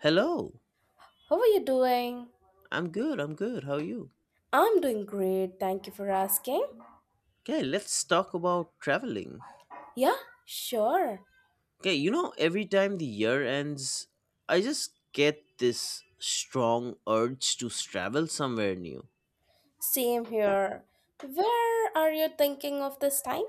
Hello. How are you doing? I'm good. I'm good. How are you? I'm doing great. Thank you for asking. Okay, let's talk about traveling. Yeah, sure. Okay, you know, every time the year ends, I just get this strong urge to travel somewhere new. Same here. Where are you thinking of this time?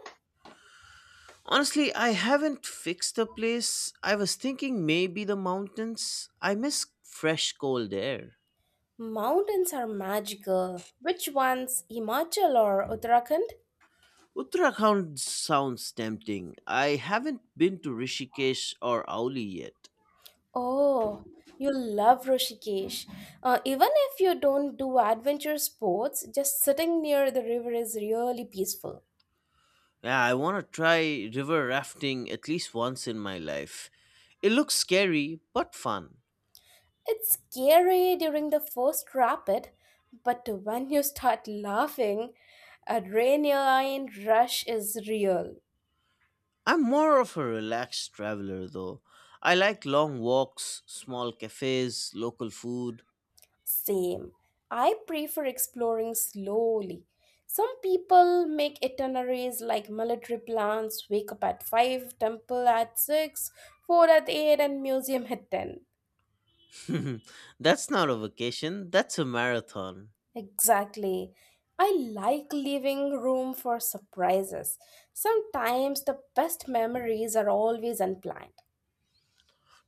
Honestly, I haven't fixed a place. I was thinking maybe the mountains. I miss fresh cold air. Mountains are magical. Which ones? Himachal or Uttarakhand? Uttarakhand sounds tempting. I haven't been to Rishikesh or Auli yet. Oh, you love Rishikesh. Even if you don't do adventure sports, just sitting near the river is really peaceful. Yeah, I want to try river rafting at least once in my life. It looks scary, but fun. It's scary during the first rapid, but when you start laughing, adrenaline rush is real. I'm more of a relaxed traveler, though. I like long walks, small cafes, local food. Same. I prefer exploring slowly. Some people make itineraries like military plans: wake up at 5, temple at 6, fort at 8, and museum at 10. That's not a vacation, that's a marathon. Exactly. I like leaving room for surprises. Sometimes the best memories are always unplanned.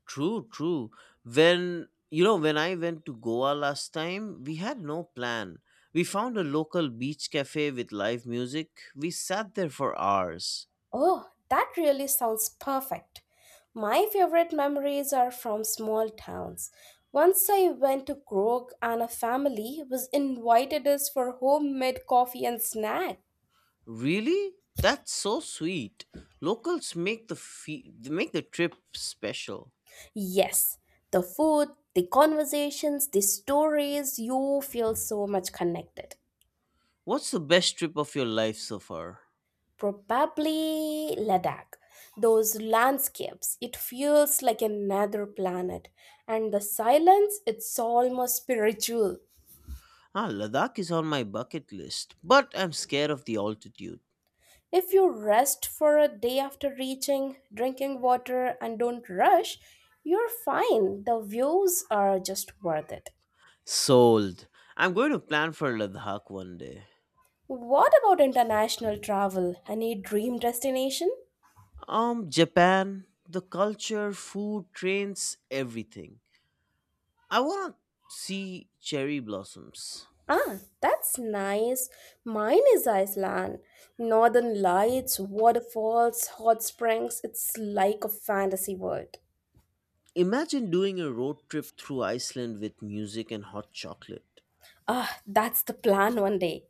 True, true. When I went to Goa last time, we had no plan. We found a local beach cafe with live music. We sat there for hours. Oh, that really sounds perfect. My favorite memories are from small towns. Once I went to Krog and a family was invited us for homemade coffee and snack. Really? That's so sweet. Locals make the trip special. Yes, the food, the conversations, the stories, you feel so much connected. What's the best trip of your life so far? Probably Ladakh. Those landscapes, it feels like another planet. And the silence, it's almost spiritual. Ah, Ladakh is on my bucket list, but I'm scared of the altitude. If you rest for a day after reaching, drinking water, and don't rush, you're fine. The views are just worth it. Sold. I'm going to plan for Ladakh one day. What about international travel? Any dream destination? Japan, the culture, food, trains, everything. I want to see cherry blossoms. Ah, that's nice. Mine is Iceland. Northern lights, waterfalls, hot springs. It's like a fantasy world. Imagine doing a road trip through Iceland with music and hot chocolate. Ah, that's the plan one day.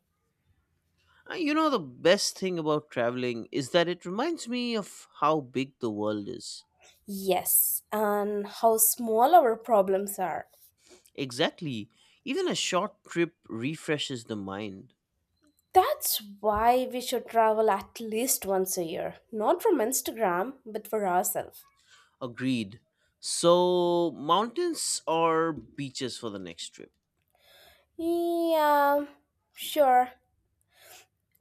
You know, the best thing about traveling is that it reminds me of how big the world is. Yes, and how small our problems are. Exactly. Even a short trip refreshes the mind. That's why we should travel at least once a year. Not from Instagram, but for ourselves. Agreed. So, mountains or beaches for the next trip? Yeah, sure.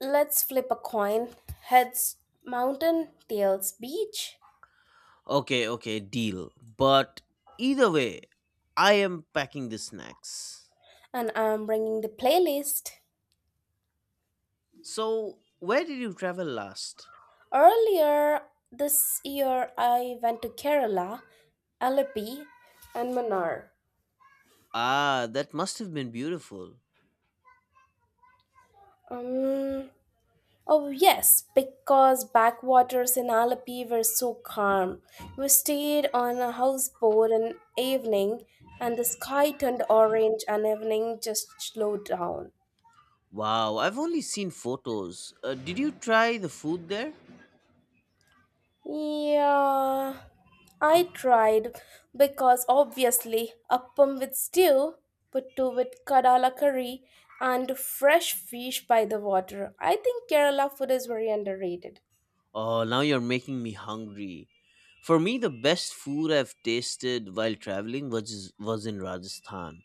Let's flip a coin. Heads, mountain; tails, beach. Okay, okay, deal. But either way, I am packing the snacks. And I'm bringing the playlist. So, where did you travel last? Earlier this year, I went to Kerala, Alappi, and Manar. Ah, that must have been beautiful. Um, Oh, yes, because backwaters in Alapi were so calm. We stayed on a houseboat an evening, and the sky turned orange, and evening just slowed down. Wow, I've only seen photos. Did you try the food there? Yeah, I tried, because obviously appam with stew, puttu with kadala curry, and fresh fish by the water. I think Kerala food is very underrated. Oh, now you're making me hungry. For me, the best food I've tasted while traveling was in Rajasthan.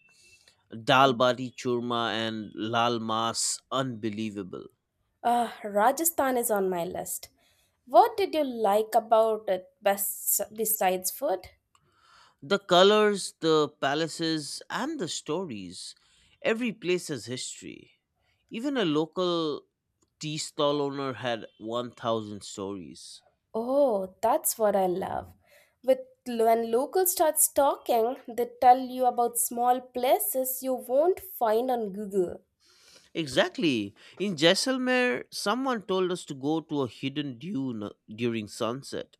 Dal bati churma and lal mas, unbelievable. Rajasthan is on my list. What did you like about it best besides food? The colors, the palaces, and the stories. Every place has history. Even a local tea stall owner had 1,000 stories. Oh, that's what I love. With When local starts talking, they tell you about small places you won't find on Google. Exactly. In Jaisalmer, someone told us to go to a hidden dune during sunset.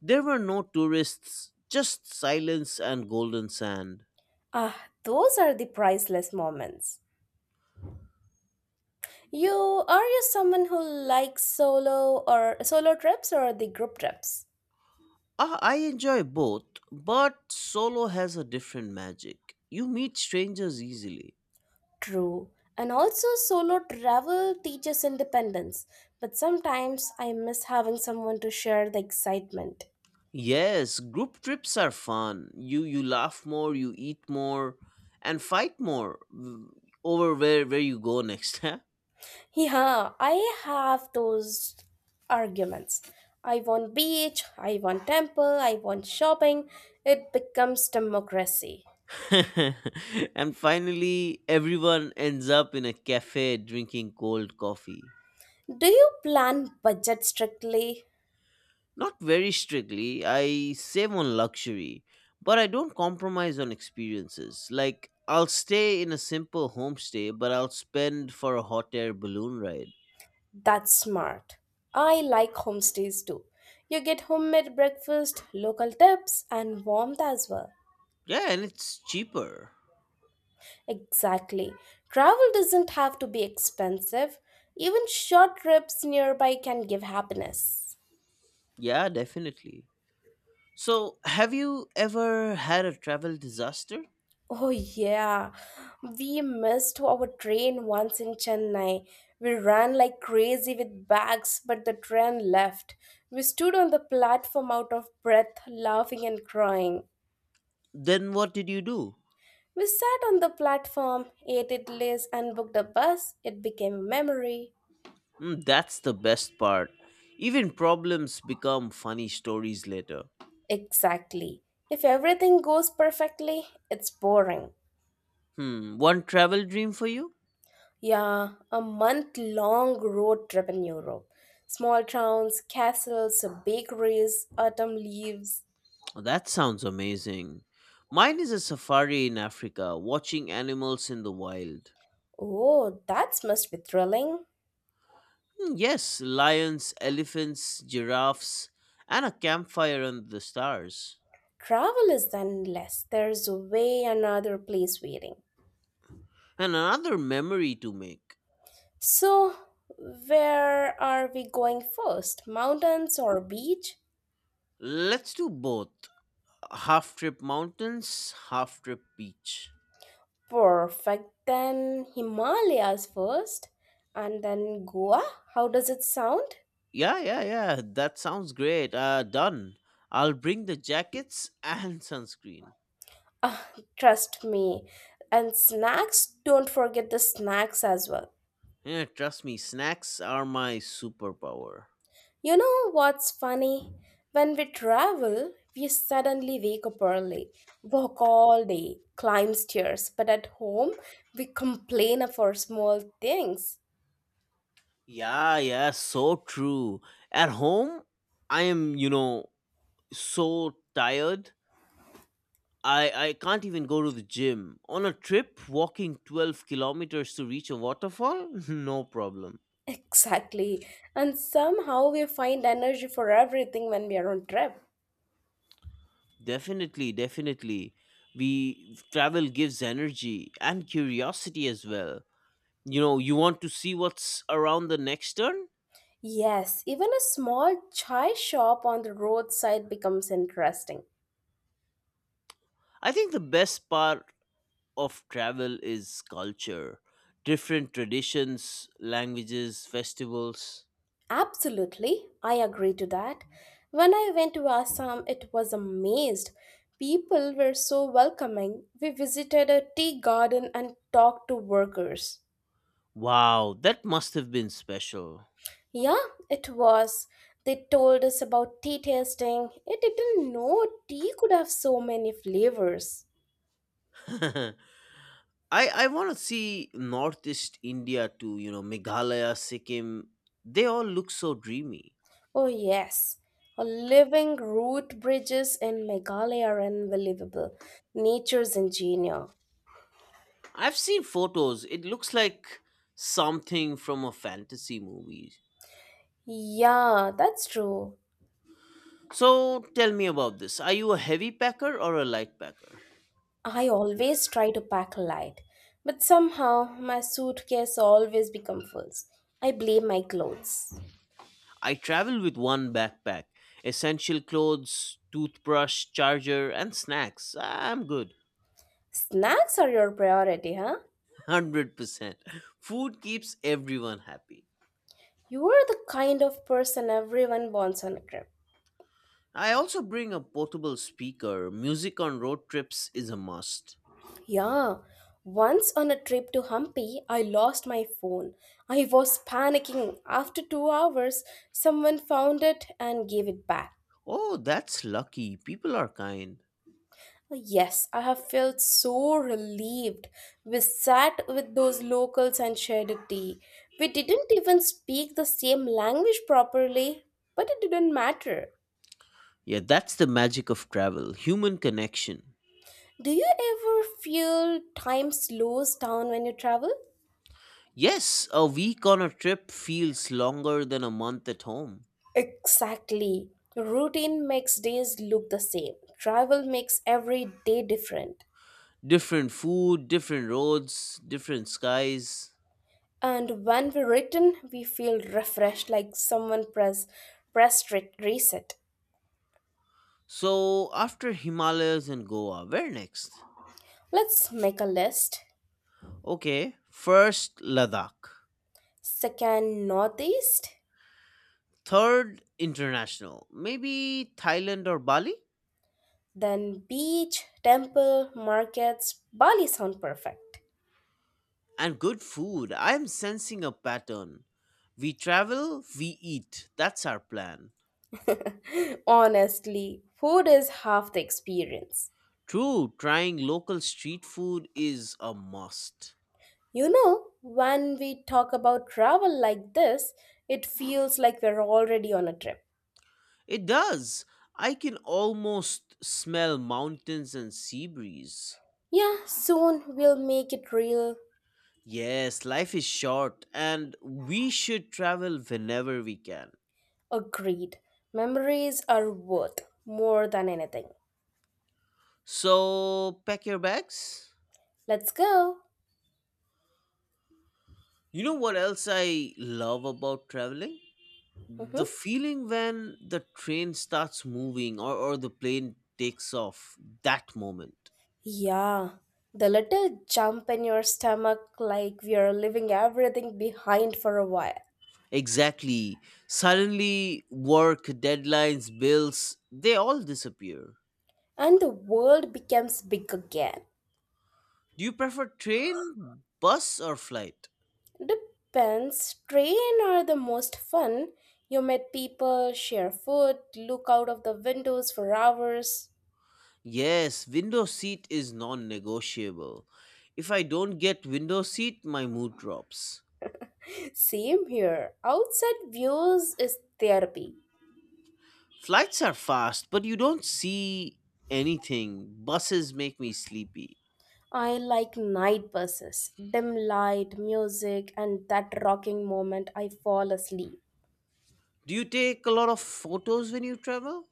There were no tourists, just silence and golden sand. Ah, those are the priceless moments. You are you someone who likes solo trips or the group trips? Ah, I enjoy both, but solo has a different magic. You meet strangers easily. True. And also, solo travel teaches independence, but sometimes I miss having someone to share the excitement. Yes, group trips are fun. You laugh more, you eat more, and fight more over where you go next. Huh? Yeah, I have those arguments. I want beach, I want temple, I want shopping. It becomes democracy. And finally, everyone ends up in a cafe drinking cold coffee. Do you plan budget strictly? Not very strictly. I save on luxury, but I don't compromise on experiences. Like, I'll stay in a simple homestay, but I'll spend for a hot air balloon ride. That's smart. I like homestays too. You get homemade breakfast, local tips, and warmth as well. Yeah, and it's cheaper. Exactly. Travel doesn't have to be expensive. Even short trips nearby can give happiness. Yeah, definitely. So, have you ever had a travel disaster? Oh, yeah. We missed our train once in Chennai. We ran like crazy with bags, but the train left. We stood on the platform out of breath, laughing and crying. Then what did you do? We sat on the platform, ate idlis, and booked a bus. It became a memory. Mm, that's the best part. Even problems become funny stories later. Exactly. If everything goes perfectly, it's boring. Hmm, one travel dream for you? Yeah, a month long road trip in Europe. Small towns, castles, bakeries, autumn leaves. Oh, that sounds amazing. Mine is a safari in Africa, watching animals in the wild. Oh, that must be thrilling. Hmm, yes, lions, elephants, giraffes, and a campfire under the stars. Travel is endless. There's way another place waiting. And another memory to make. So, where are we going first? Mountains or beach? Let's do both. Half trip mountains, half trip beach. Perfect. Then Himalayas first and then Goa. How does it sound? Yeah, yeah, yeah. That sounds great. Done. I'll bring the jackets and sunscreen. Ah, trust me. And snacks, don't forget the snacks as well. Yeah, trust me, snacks are my superpower. You know what's funny? When we travel, we suddenly wake up early, walk all day, climb stairs, but at home, we complain for small things. Yeah, yeah, so true. At home, I am so tired. I can't even go to the gym. On a trip, walking 12 kilometers to reach a waterfall? No problem. Exactly. And somehow we find energy for everything when we are on trip. Definitely, definitely. We travel gives energy and curiosity as well. You know, you want to see what's around the next turn? Yes, even a small chai shop on the roadside becomes interesting. I think the best part of travel is culture, different traditions, languages, festivals. Absolutely, I agree to that. When I went to Assam, it was amazed. People were so welcoming. We visited a tea garden and talked to workers. Wow, that must have been special. Yeah, it was. They told us about tea tasting. I didn't know tea could have so many flavors. I want to see Northeast India too, you know, Meghalaya, Sikkim. They all look so dreamy. Oh, yes. A living root bridges in Meghalaya are unbelievable. Nature's ingenious. I've seen photos. It looks like something from a fantasy movie. Yeah, that's true. So tell me about this. Are you a heavy packer or a light packer? I always try to pack light, but somehow my suitcase always becomes full. I blame my clothes. I travel with one backpack, essential clothes, toothbrush, charger, and snacks. I'm good. Snacks are your priority, huh? 100%. Food keeps everyone happy. You are the kind of person everyone wants on a trip. I also bring a portable speaker. Music on road trips is a must. Yeah, once on a trip to Hampi, I lost my phone. I was panicking. After 2 hours, someone found it and gave it back. Oh, that's lucky. People are kind. Yes, I have felt so relieved. We sat with those locals and shared a tea. We didn't even speak the same language properly, but it didn't matter. Yeah, that's the magic of travel human connection. Do you ever feel time slows down when you travel? Yes, a week on a trip feels longer than a month at home. Exactly. Routine makes days look the same. Travel makes every day different. Different food, different roads, different skies. And when we return, we feel refreshed, like someone pressed reset. So, after Himalayas and Goa, where next? Let's make a list. Okay, first Ladakh. Second, northeast; Third, international. Maybe Thailand or Bali? then beach, temple, markets. Bali sound perfect. And good food. I am sensing a pattern. We travel, we eat. That's our plan. Honestly, food is half the experience. True, trying local street food is a must. You know, when we talk about travel like this, it feels like we're already on a trip. It does. I can almost smell mountains and sea breeze. Yeah, soon we'll make it real. Yes, life is short and we should travel whenever we can. Agreed. Memories are worth more than anything. So, pack your bags. Let's go. You know what else I love about traveling? Mhm. The feeling when the train starts moving or the plane takes off, that moment. Yeah, the little jump in your stomach, like we are leaving everything behind for a while, Exactly. Suddenly, work, deadlines, bills, they all disappear. and the world becomes big again. Do you prefer train, bus, or flight? Depends, train are the most fun. You meet people, share food, look out of the windows for hours. Yes, window seat is non negotiable. If I don't get window seat, my mood drops. Same here. Outside views is therapy. Flights are fast, but you don't see anything. Buses make me sleepy. I like night buses, dim light, music, and that rocking moment I fall asleep. Do you take a lot of photos when you travel?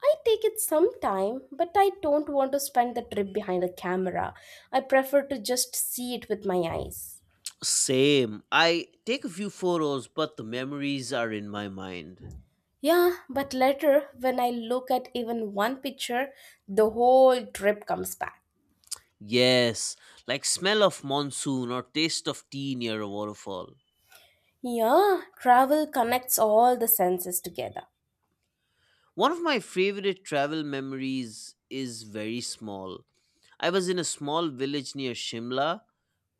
I take it some time, but I don't want to spend the trip behind a camera. I prefer to just see it with my eyes. Same. I take a few photos, but the memories are in my mind. Yeah, but later, when I look at even one picture, the whole trip comes back. Yes, like smell of monsoon or taste of tea near a waterfall. Yeah, travel connects all the senses together. One of my favorite travel memories is very small. I was in a small village near Shimla.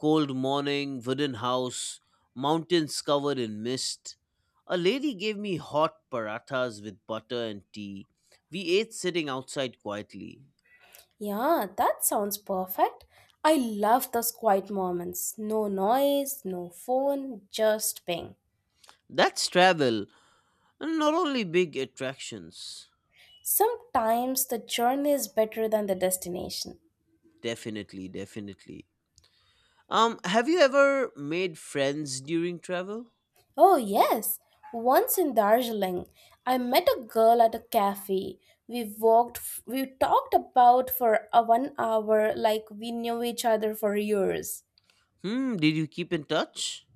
Cold morning, wooden house, mountains covered in mist. A lady gave me hot parathas with butter and tea. We ate sitting outside quietly. Yeah, that sounds perfect. I love those quiet moments. No noise, no phone, just ping. That's travel, and not only big attractions. Sometimes the journey is better than the destination. Definitely, definitely. Have you ever made friends during travel? Oh, yes. Once in Darjeeling, I met a girl at a cafe. We walked, we talked about for a 1 hour like we knew each other for years. Hmm, did you keep in touch?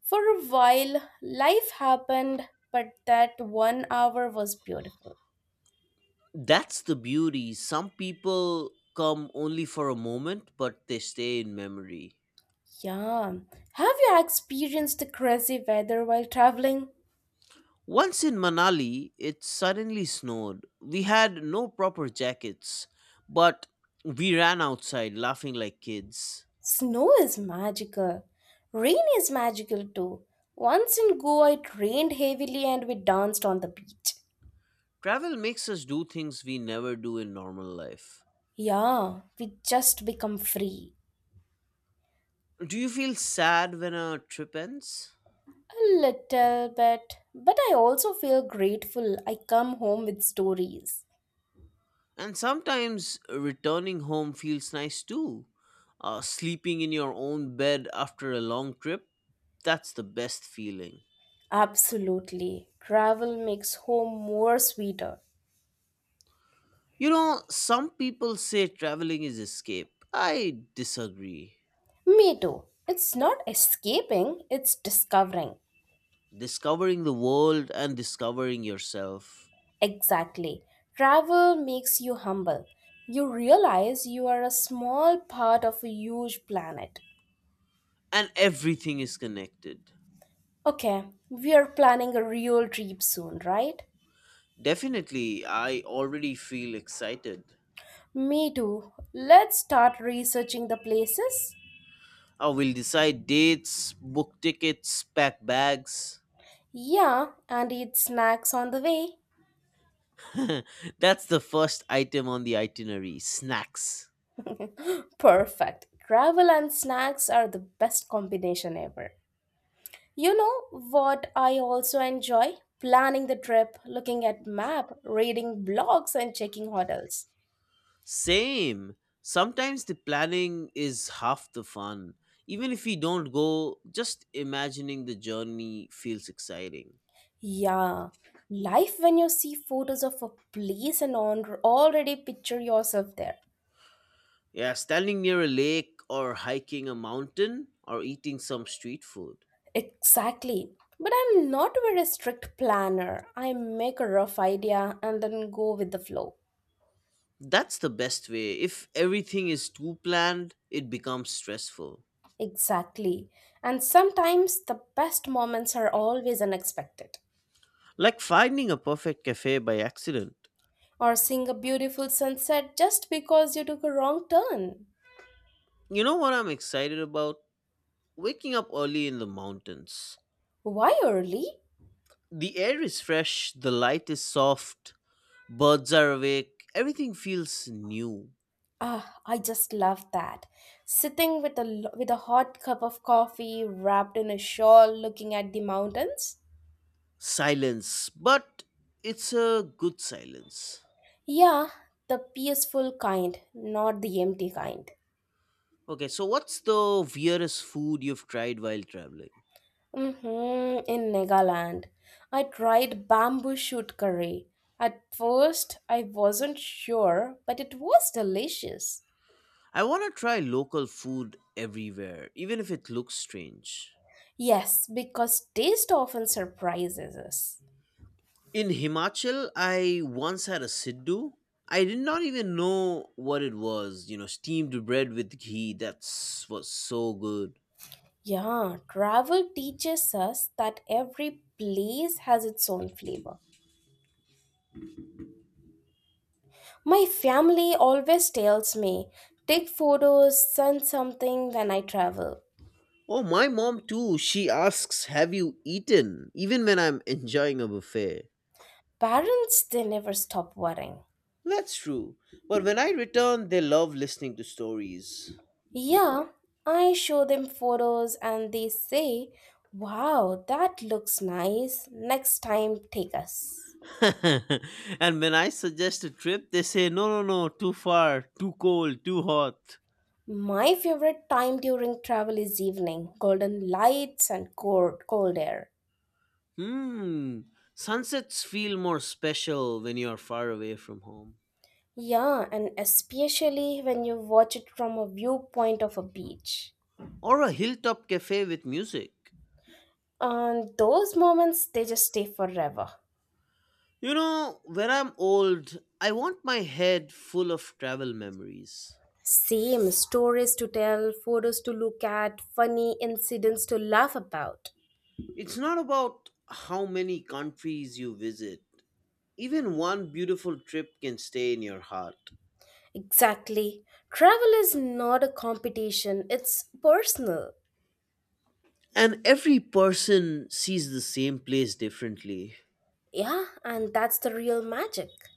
For a while, life happened, but that 1 hour was beautiful. That's the beauty. Some people come only for a moment, but they stay in memory. Yeah. Have you experienced the crazy weather while traveling? Once in Manali, it suddenly snowed. We had no proper jackets, but we ran outside laughing like kids. Snow is magical. Rain is magical too. Once in Goa, it rained heavily and we danced on the beach. Travel makes us do things we never do in normal life. Yeah, we just become free. Do you feel sad when a trip ends? A little bit. But I also feel grateful I come home with stories. And sometimes returning home feels nice too. Sleeping in your own bed after a long trip, that's the best feeling. Absolutely. Travel makes home more sweeter. You know, some people say traveling is escape. I disagree. Me too. It's not escaping, it's discovering. Discovering the world and discovering yourself, Exactly. Travel makes you humble. You realize you are a small part of a huge planet. and everything is connected. Okay, we are planning a real trip soon, right? Definitely, I already feel excited. Me too. Let's start researching the places. I will decide dates, book tickets, pack bags, Yeah, and eat snacks on the way. That's the first item on the itinerary snacks. Perfect. Travel and snacks are the best combination ever. You know what I also enjoy? Planning the trip, looking at map, reading blogs and checking hotels. Same. Sometimes the planning is half the fun. Even if we don't go, just imagining the journey feels exciting. Yeah, life when you see photos of a place and on already picture yourself there. Yeah, standing near a lake or hiking a mountain or eating some street food. Exactly. But I'm not a very strict planner. I make a rough idea and then go with the flow. That's the best way. If everything is too planned, it becomes stressful. Exactly. And sometimes the best moments are always unexpected. Like finding a perfect cafe by accident. Or seeing a beautiful sunset just because you took a wrong turn. You know what I'm excited about? Waking up early in the mountains. Why early? The air is fresh, the light is soft, birds are awake, everything feels new. Ah, I just love that. Sitting with a hot cup of coffee, wrapped in a shawl, looking at the mountains. Silence, but it's a good silence. Yeah, the peaceful kind, not the empty kind. Okay, so what's the weirdest food you've tried while traveling? Mm-hmm, in Nagaland, I tried bamboo shoot curry. At first, I wasn't sure, but it was delicious. I want to try local food everywhere, even if it looks strange. Yes, because taste often surprises us. In Himachal, I once had a Siddu. I did not even know what it was. You know, steamed bread with ghee. That was so good. Yeah, travel teaches us that every place has its own flavor. My family always tells me, take photos, send something when I travel. Oh, my mom too. She asks, have you eaten? Even when I'm enjoying a buffet. Parents, they never stop worrying. That's true. But when I return, they love listening to stories. Yeah, I show them photos and they say, "Wow, that looks nice. Next time, take us." And when I suggest a trip, they say, no, no, no, too far, too cold, too hot. My favorite time during travel is evening, golden lights and cold, cold air. Hmm. Sunsets feel more special when you're far away from home. Yeah, and especially when you watch it from a viewpoint of a beach. Or a hilltop cafe with music. And those moments, they just stay forever. You know, when I'm old, I want my head full of travel memories. Same stories to tell, photos to look at, funny incidents to laugh about. It's not about how many countries you visit. Even one beautiful trip can stay in your heart. Exactly. Travel is not a competition, it's personal. And every person sees the same place differently. Yeah, and that's the real magic.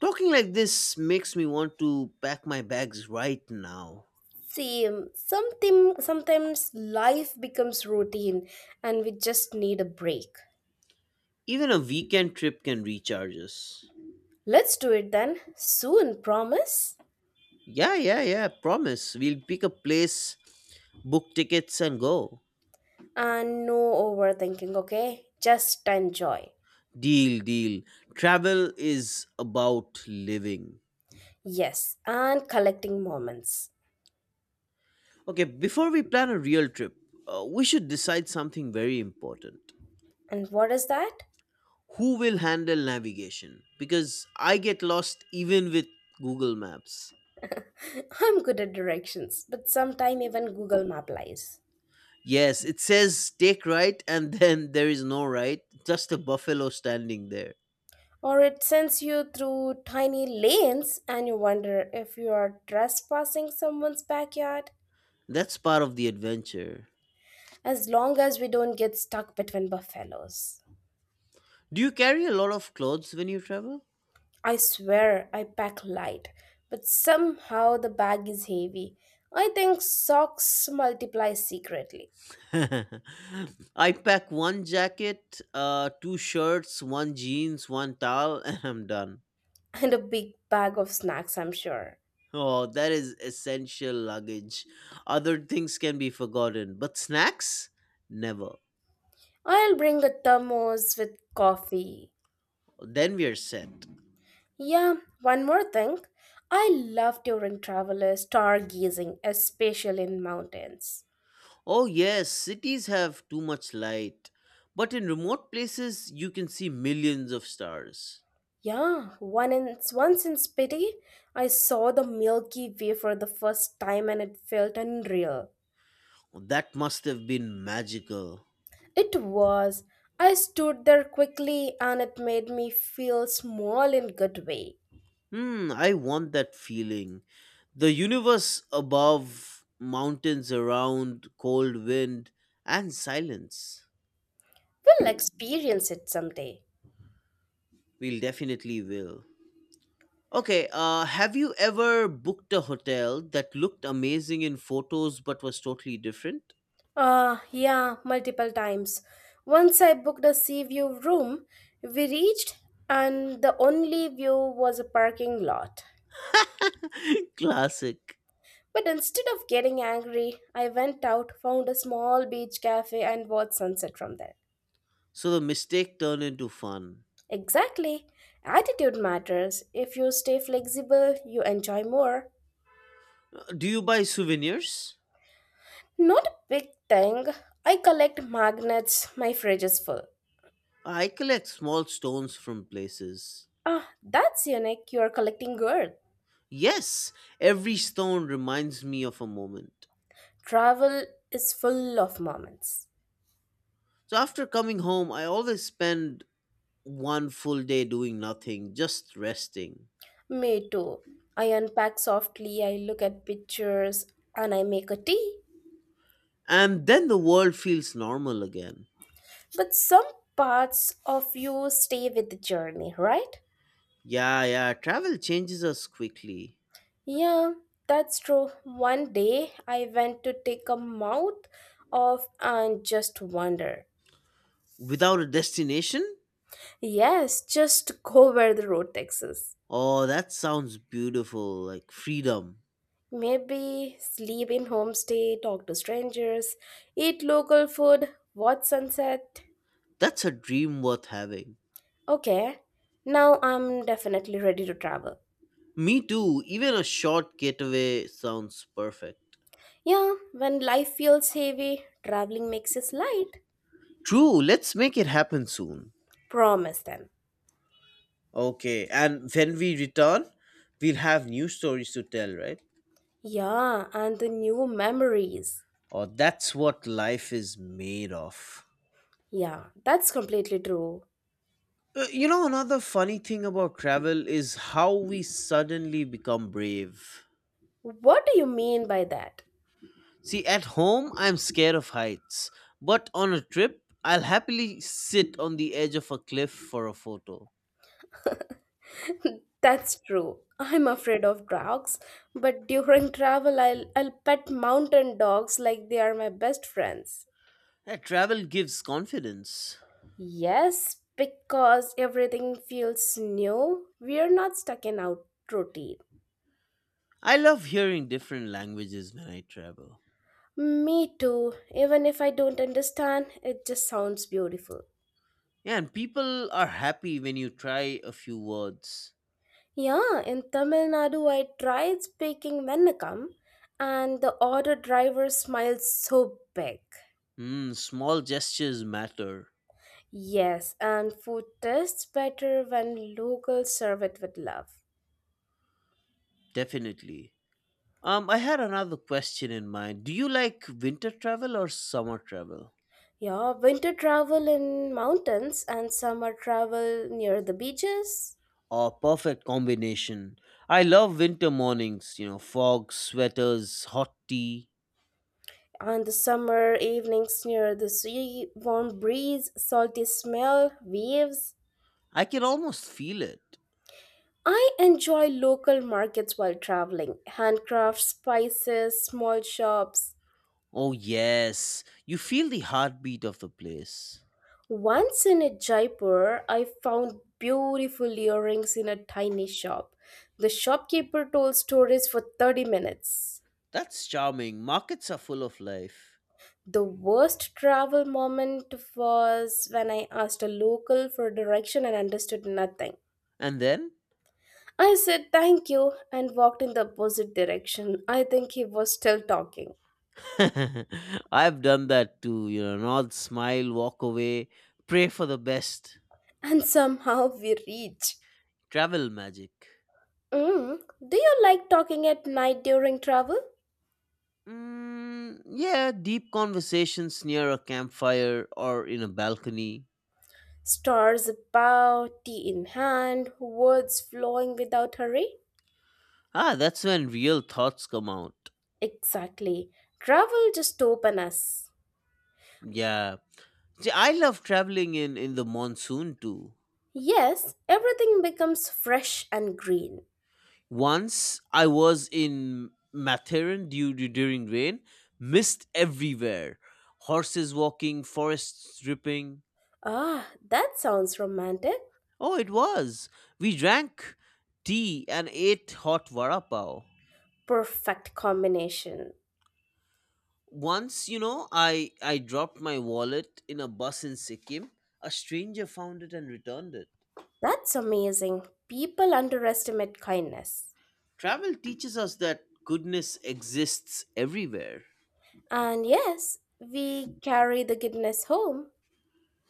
Talking like this makes me want to pack my bags right now. Same. Sometimes life becomes routine and we just need a break. Even a weekend trip can recharge us. Let's do it then. Soon, promise? Yeah, yeah, yeah, promise. We'll pick a place, book tickets, and go. And no overthinking, okay? Just enjoy. Deal, deal. Travel is about living. Yes, and collecting moments. Okay, before we plan a real trip, we should decide something very important. And what is that? Who will handle navigation? Because I get lost even with Google Maps. I'm good at directions, but sometimes even Google Map lies. Yes, it says take right and then there is no right, just a buffalo standing there. Or it sends you through tiny lanes and you wonder if you are trespassing someone's backyard. That's part of the adventure. As long as we don't get stuck between buffaloes. Do you carry a lot of clothes when you travel? I swear I pack light, but somehow the bag is heavy. I think socks multiply secretly, I pack one jacket, two shirts, one jeans, one towel, and I'm done. and a big bag of snacks, I'm sure. Oh, that is essential luggage. Other things can be forgotten, but snacks? Never. I'll bring a thermos with coffee. Then we are set. Yeah, one more thing. I love during travelers is stargazing, especially in mountains. Oh, yes, cities have too much light, but in remote places you can see millions of stars. Yeah, once in Spiti, I saw the Milky Way for the first time and it felt unreal. That must have been magical. It was. I stood there quickly and it made me feel small in good way. Hmm, I want that feeling. The universe above, mountains around, cold wind, and silence. We'll experience it someday. We'll definitely will. Okay, have you ever booked a hotel that looked amazing in photos but was totally different? Ah, yeah, multiple times. Once I booked a sea view room, we reached and the only view was a parking lot. Classic. But instead of getting angry, I went out, found a small beach cafe and watched sunset from there. So the mistake turned into fun. Exactly. Attitude matters. If you stay flexible, you enjoy more. Do you buy souvenirs? Not a big thing. I collect magnets, my fridge is full. I collect small stones from places. Ah, that's unique. You're collecting good. Yes, every stone reminds me of a moment. Travel is full of moments. So after coming home, I always spend one full day doing nothing, just resting. Me too. I unpack softly, I look at pictures, and I make a tea. And then the world feels normal again. But some parts of you stay with the journey, right? Yeah, yeah. Travel changes us quickly. Yeah, that's true. One day I went to take a mouth off and just wander. Without a destination? Yes, just go where the road takes us. Oh, that sounds beautiful. Like freedom. Maybe sleep in homestay, talk to strangers, eat local food, watch sunset. That's a dream worth having. Okay, now I'm definitely ready to travel. Me too. Even a short getaway sounds perfect. Yeah, when life feels heavy, traveling makes us light. True. Let's make it happen soon. Promise them. Okay. And when we return, we'll have new stories to tell, right? Yeah, and the new memories. Oh, that's what life is made of. Yeah, that's completely true. You know, another funny thing about travel is how we suddenly become brave. What do you mean by that? See, at home, I'm scared of heights, but on a trip, I'll happily sit on the edge of a cliff for a photo. That's true. I'm afraid of dogs, but during travel I'll pet mountain dogs like they are my best friends. That travel gives confidence. Yes, because everything feels new. We're not stuck in our routine. I love hearing different languages when I travel. Me too. Even if I don't understand, it just sounds beautiful. Yeah, and people are happy when you try a few words. Yeah, in Tamil Nadu, I tried speaking Vennakam, and the auto driver smiled so big. Mm, small gestures matter, Yes, and food tastes better when locals serve it with love. definitely. I had another question in mind. Do you like winter travel or summer travel? Yeah, winter travel in mountains and summer travel near the beaches. A perfect combination. I love winter mornings, you know, fog, sweaters, hot tea. On the summer evenings near the sea, warm breeze, salty smell, waves. I can almost feel it. I enjoy local markets while traveling, handcraft spices, small shops. Oh, yes, you feel the heartbeat of the place. Once in a Jaipur, I found beautiful earrings in a tiny shop. The shopkeeper told stories for 30 minutes. That's charming. Markets are full of life. The worst travel moment was when I asked a local for direction and understood nothing. And then? I said thank you and walked in the opposite direction. I think he was still talking. I've done that too, nod, smile, walk away, pray for the best. And somehow we reached. Travel magic. Mm. Do you like talking at night during travel? Mm, yeah, deep conversations near a campfire or in a balcony. Stars about, tea in hand, words flowing without hurry? Ah, that's when real thoughts come out. Exactly. Travel just open us. Yeah. See, I love traveling in the monsoon too. Yes, everything becomes fresh and green. Once I was in Matheran due, due during rain, mist everywhere, horses walking, forests dripping. Ah, that sounds romantic. Oh, it was. We drank tea and ate hot vada pav. Perfect combination. Once, you know, I dropped my wallet in a bus in Sikkim. A stranger found it and returned it. That's amazing. People underestimate kindness. Travel teaches us that goodness exists everywhere. And yes, we carry the goodness home.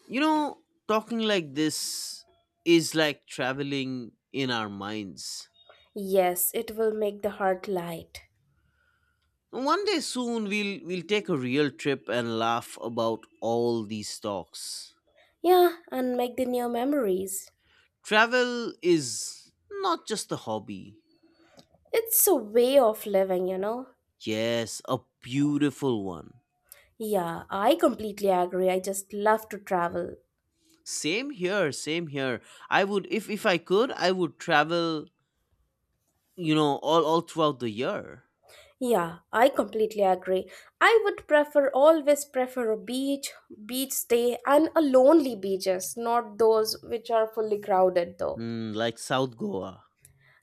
You know, talking like this is like traveling in our minds. Yes, it will make the heart light. One day soon we'll take a real trip and laugh about all these talks. Yeah, and make the new memories. Travel is not just a hobby. It's a way of living, you know. Yes, a beautiful one. Yeah, I completely agree. I just love to travel. Same here, same here. I would if I could, I would travel, you know, all throughout the year. Yeah, I completely agree. I would prefer always prefer a beach, beach stay and a lonely beaches, not those which are fully crowded though. Hmm, like South Goa.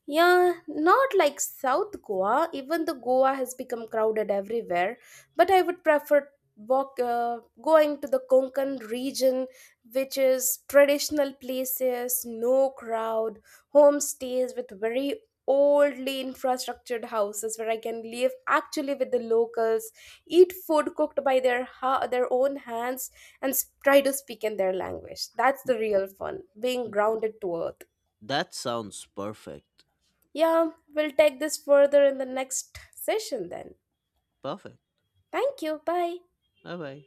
Yeah, not like South Goa. Even the Goa has become crowded everywhere. But I would prefer going to the Konkan region, which is traditional places, no crowd, homestays with very oldly infrastructured houses where I can live actually with the locals, eat food cooked by their their own hands, and try to speak in their language. That's the real fun, being grounded to earth. That sounds perfect. Yeah, we'll take this further in the next session then. Perfect. Thank you. Bye. Bye bye.